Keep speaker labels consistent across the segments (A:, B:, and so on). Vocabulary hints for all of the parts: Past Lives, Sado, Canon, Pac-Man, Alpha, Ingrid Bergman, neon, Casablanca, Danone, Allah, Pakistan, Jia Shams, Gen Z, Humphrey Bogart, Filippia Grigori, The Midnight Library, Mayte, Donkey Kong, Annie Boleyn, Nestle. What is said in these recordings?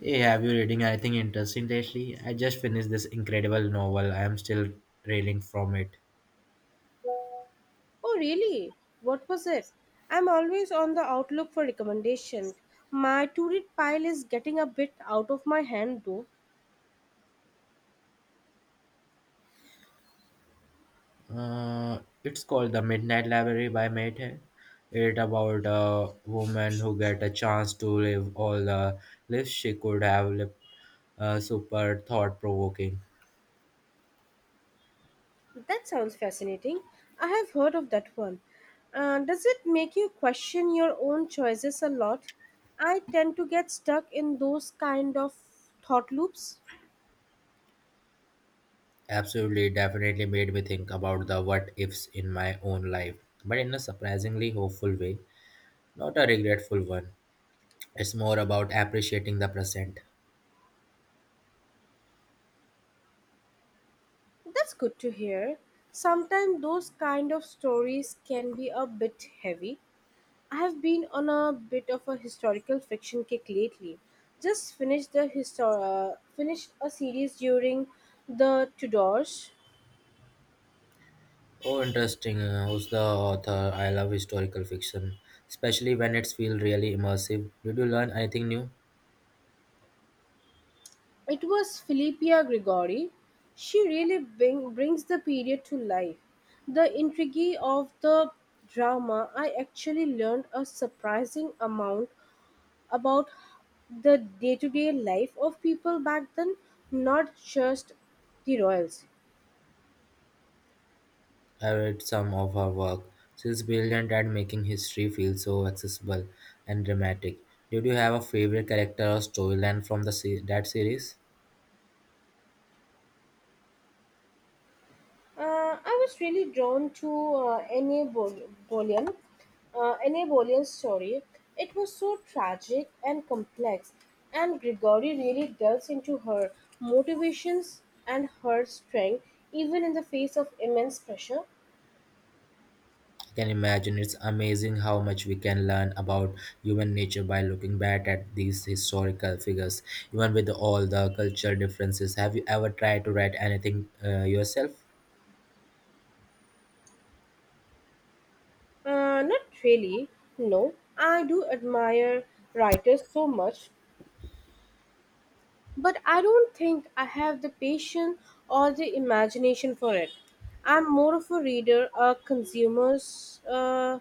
A: Hey, have you reading anything interesting lately? I just finished this incredible novel. I am still reeling from it.
B: Oh, really? What was it? I'm always on the outlook for recommendation. My to read pile is getting a bit out of my hand, though.
A: It's called The Midnight Library by Mayte. It's about a woman who get a chance to live all the lives she could have lived. Super thought provoking.
B: That sounds fascinating. I have heard of that one. Does it make you question your own choices a lot? I tend to get stuck in those kind of thought loops.
A: Absolutely, definitely made me think about the what ifs in my own life, but in a surprisingly hopeful way, not a regretful one. It's more about appreciating the present.
B: That's good to hear. Sometimes those kind of stories can be a bit heavy. I've been on a bit of a historical fiction kick lately. Just finished finished a series during the Tudors.
A: Oh, interesting. Who's the author? I love historical fiction, especially when it feels really immersive. Did you learn anything new?
B: It was Filippia Grigori. She really brings the period to life. The intrigue of the drama, I actually learned a surprising amount about the day-to-day life of people back then, not just the royals.
A: I read some of her work. She's brilliant at making history feel so accessible and dramatic. Did you have a favorite character or storyline from the that series?
B: I was really drawn to Boleyn, Annie Boleyn's story. It was so tragic and complex, and Grigori really delves into her motivations and her strength, even in the face of immense pressure.
A: I can imagine it's amazing how much we can learn about human nature by looking back at these historical figures, even with all the cultural differences. Have you ever tried to write anything yourself?
B: Not really, no. I do admire writers so much. But I don't think I have the patience or the imagination for it. I'm more of a reader, a consumer uh,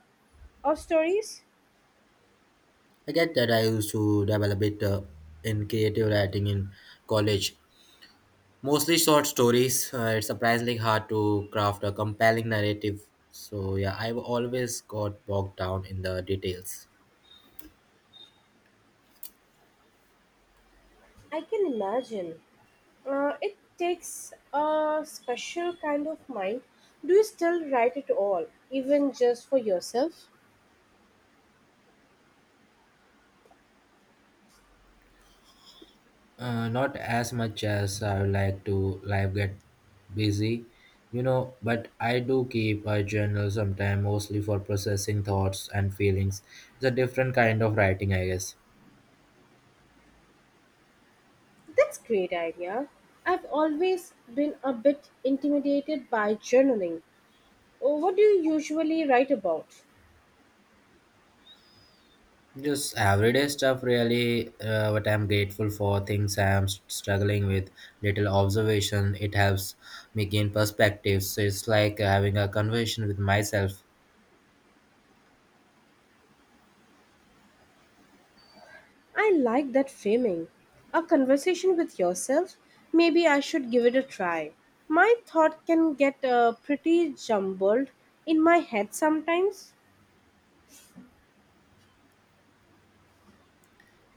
B: of stories.
A: I get that I used to develop it in creative writing in college, mostly short stories. It's surprisingly hard to craft a compelling narrative. So, yeah, I've always got bogged down in the details.
B: I can imagine. It takes a special kind of mind. Do you still write it all, even just for yourself?
A: Not as much as I would like to. Life get busy, you know. But I do keep a journal sometimes, mostly for processing thoughts and feelings. It's a different kind of writing, I guess.
B: That's great idea. I've always been a bit intimidated by journaling. What do you usually write about?
A: Just everyday stuff, really. What I'm grateful for, things I'm struggling with, little observation. It helps me gain perspectives. So it's like having a conversation with myself.
B: I like that framing. A conversation with yourself. Maybe I should give it a try. My thought can get pretty jumbled in my head sometimes.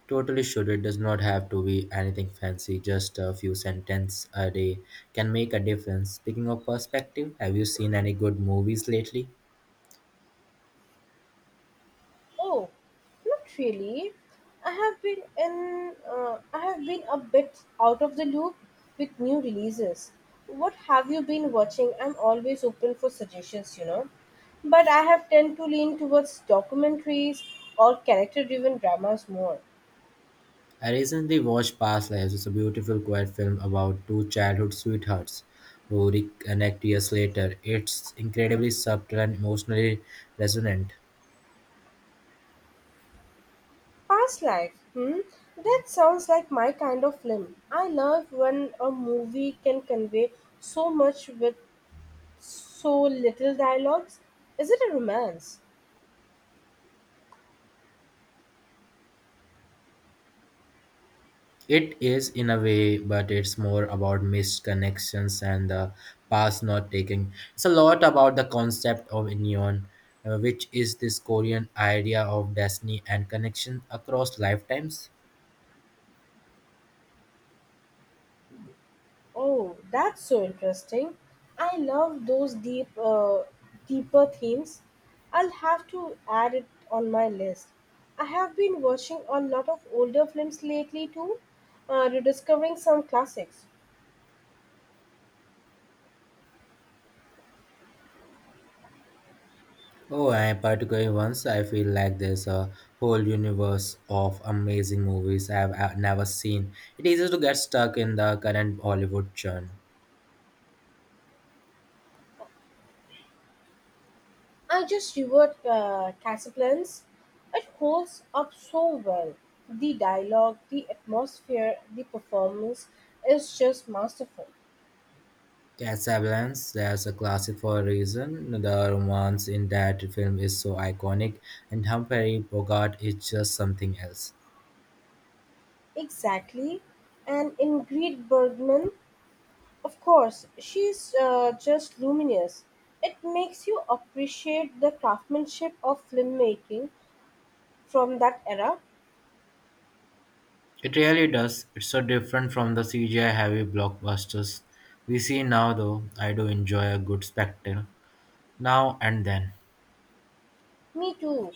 A: Totally should. It does not have to be anything fancy. Just a few sentences a day can make a difference. Speaking of perspective, have you seen any good movies lately?
B: Oh, not really. I have been in. I have been a bit out of the loop with new releases. What have you been watching? I'm always open for suggestions, But I have tend to lean towards documentaries or character-driven dramas more.
A: I recently watched Past Lives. It's a beautiful, quiet film about two childhood sweethearts who reconnect years later. It's incredibly subtle and emotionally resonant.
B: Past life? Hmm? That sounds like my kind of film. I love when a movie can convey so much with so little dialogues. Is it a romance?
A: It is in a way, but it's more about missed connections and the past not taking. It's a lot about the concept of neon, which is this Korean idea of destiny and connection across lifetimes.
B: Oh, that's so interesting. I love those deeper themes. I'll have to add it on my list. I have been watching a lot of older films lately too, rediscovering some classics.
A: Oh, I particularly once I feel like there's a whole universe of amazing movies I've never seen. It is easy to get stuck in the current Hollywood churn.
B: I just devoured Casablanca. It holds up so well. The dialogue, the atmosphere, the performance is just masterful.
A: Casablanca, there's a classic for a reason. The romance in that film is so iconic, and Humphrey Bogart is just something else.
B: Exactly. And Ingrid Bergman, of course, she's just luminous. It makes you appreciate the craftsmanship of filmmaking from that era.
A: It really does. It's so different from the CGI heavy blockbusters we see now, though. I do enjoy a good spectacle now and then.
B: Me too.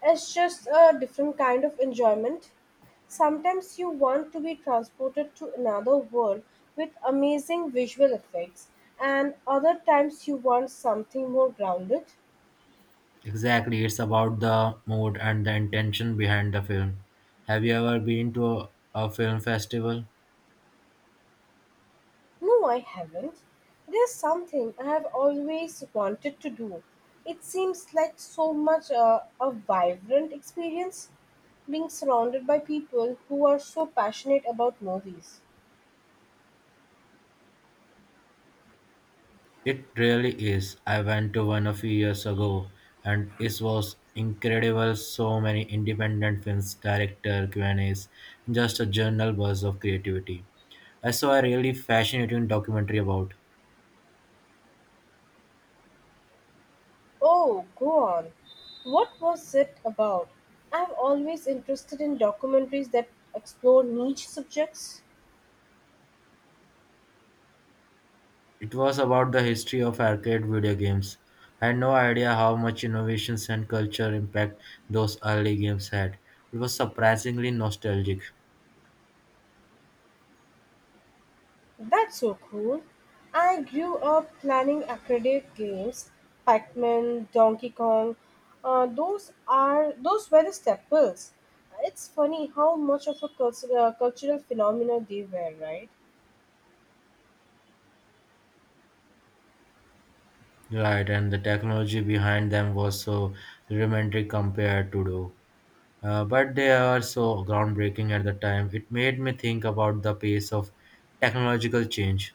B: It's just a different kind of enjoyment. Sometimes you want to be transported to another world with amazing visual effects, and other times you want something more grounded.
A: Exactly, it's about the mood and the intention behind the film. Have you ever been to a film festival?
B: No, I haven't. There's something I have always wanted to do. It seems like so much a vibrant experience being surrounded by people who are so passionate about movies.
A: It really is. I went to one a few years ago and it was incredible. So many independent films, director, Q&As, just a general buzz of creativity. I saw a really fascinating documentary about
B: Oh, go on. What was it about? I'm always interested in documentaries that explore niche subjects.
A: it. Was about the history of arcade video games. I had no idea how much innovations and culture impact those early games had. It was surprisingly nostalgic.
B: That's so cool. I grew up planning arcade games, Pac-Man, Donkey Kong. Those were the staples. It's funny how much of a cultural phenomenon they were, right?
A: Right, and the technology behind them was so rudimentary compared to do. But they are so groundbreaking at the time. It made me think about the pace of technological change.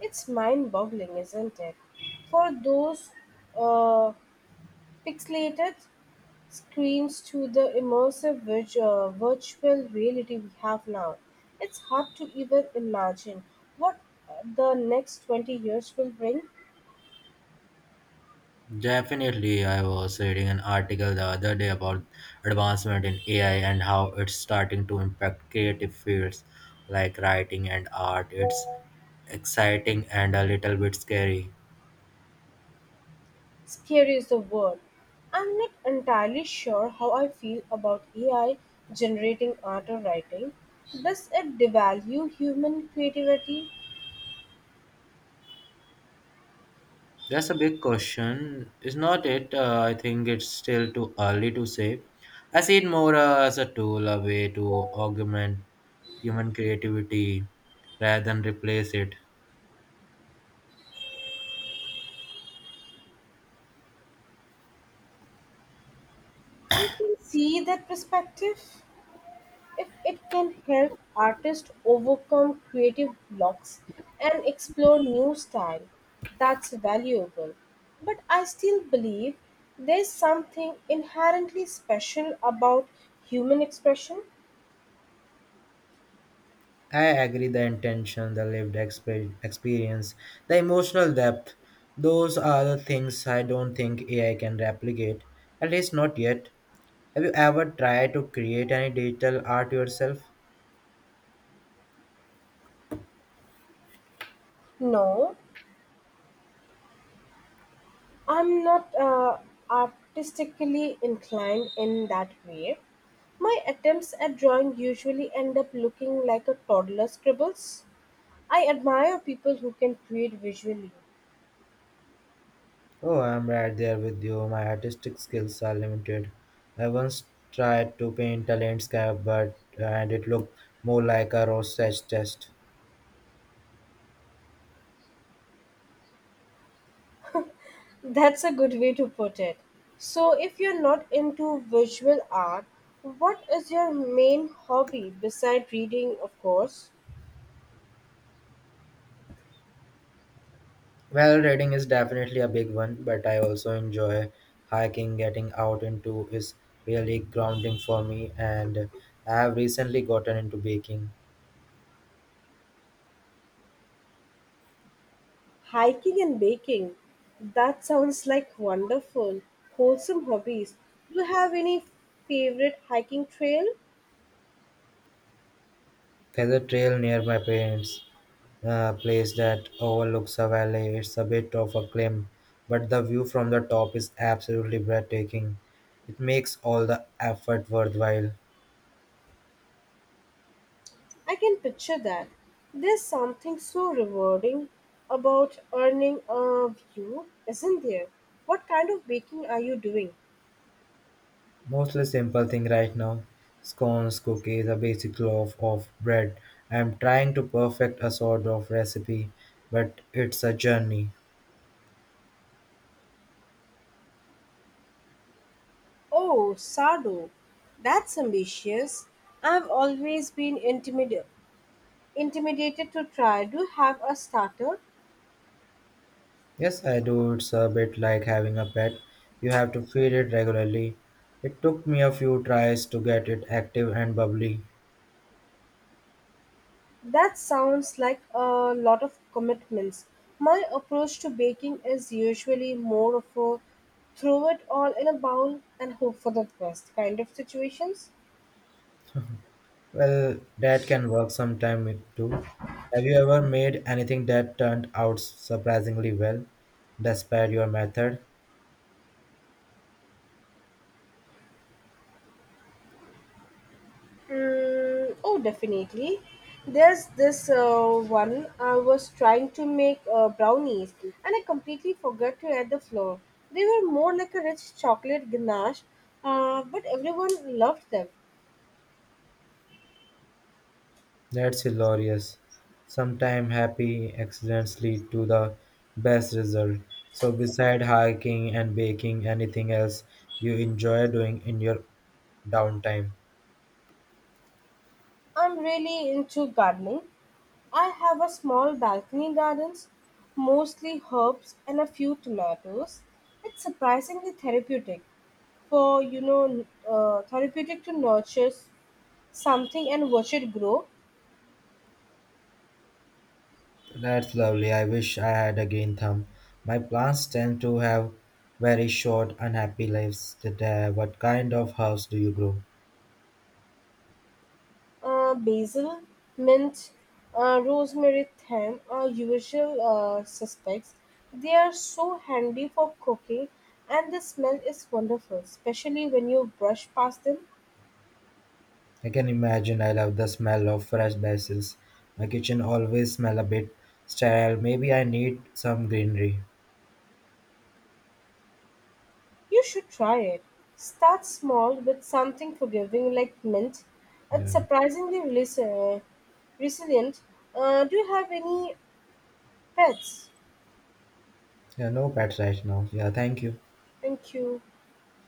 B: It's mind-boggling, isn't it? For those uh, pixelated screams to the immersive virtual reality we have now. It's hard to even imagine what the next 20 years will bring.
A: Definitely, I was reading an article the other day about advancement in AI and how it's starting to impact creative fields like writing and art. It's exciting and a little bit scary.
B: Scary is the word. I'm not entirely sure how I feel about AI generating art or writing. Does it devalue human creativity?
A: That's a big question, is not it? I think it's still too early to say. I see it more as a tool, a way to augment human creativity rather than replace it.
B: I can see that perspective. If it can help artists overcome creative blocks and explore new style, that's valuable, but I still believe there's something inherently special about human expression.
A: I agree the intention, the lived experience, the emotional depth. Those are the things I don't think AI can replicate, at least not yet. Have you ever tried to create any digital art yourself?
B: No, I'm not artistically inclined in that way. My attempts at drawing usually end up looking like a toddler scribbles. I admire people who can create visually.
A: Oh, I'm right there with you. My artistic skills are limited. I once tried to paint a landscape, but and it looked more like a rosette test.
B: That's a good way to put it. So, if you're not into visual art, what is your main hobby beside reading, of course?
A: Well, reading is definitely a big one, but I also enjoy hiking. Getting out into is really grounding for me, and I have recently gotten into baking.
B: Hiking and baking. That sounds like wonderful, wholesome hobbies. Do you have any favorite hiking trail?
A: There's a trail near my parents' place that overlooks a valley. It's a bit of a climb, but the view from the top is absolutely breathtaking. It makes all the effort worthwhile.
B: I can picture that. There's something so rewarding about earning a view, isn't there? What kind of baking are you doing?
A: Mostly simple thing right now. Scones, cookies, a basic loaf of bread. I'm trying to perfect a sort of recipe, but it's a journey.
B: Oh, Sado, that's ambitious. I've always been intimidated to try to have a starter.
A: Yes, I do. It's a bit like having a pet. You have to feed it regularly. It took me a few tries to get it active and bubbly.
B: That sounds like a lot of commitments. My approach to baking is usually more of a throw it all in a bowl and hope for the best kind of situations.
A: Well, that can work sometime it too. Have you ever made anything that turned out surprisingly well, despite your method?
B: Mm, oh, definitely. There's this one I was trying to make brownies and I completely forgot to add the flour. They were more like a rich chocolate ganache, but everyone loved them.
A: That's hilarious. Sometimes happy accidents lead to the best result. So, beside hiking and baking, anything else you enjoy doing in your downtime?
B: I'm really into gardening. I have a small balcony gardens, mostly herbs and a few tomatoes. It's surprisingly therapeutic for therapeutic to nurture something and watch it grow.
A: That's lovely. I wish I had a green thumb. My plants tend to have very short, unhappy lives. Today, what kind of house do you grow?
B: Basil, mint, rosemary, thyme are usual suspects. They are so handy for cooking, and the smell is wonderful, especially when you brush past them.
A: I can imagine I love the smell of fresh basil. My kitchen always smell a bit sterile. Maybe I need some greenery.
B: You should try it. Start small with something forgiving like mint. It's
A: Yeah.
B: surprisingly resilient. Do you have any pets?
A: Yeah, no pets right now. Yeah, thank you.
B: Thank you.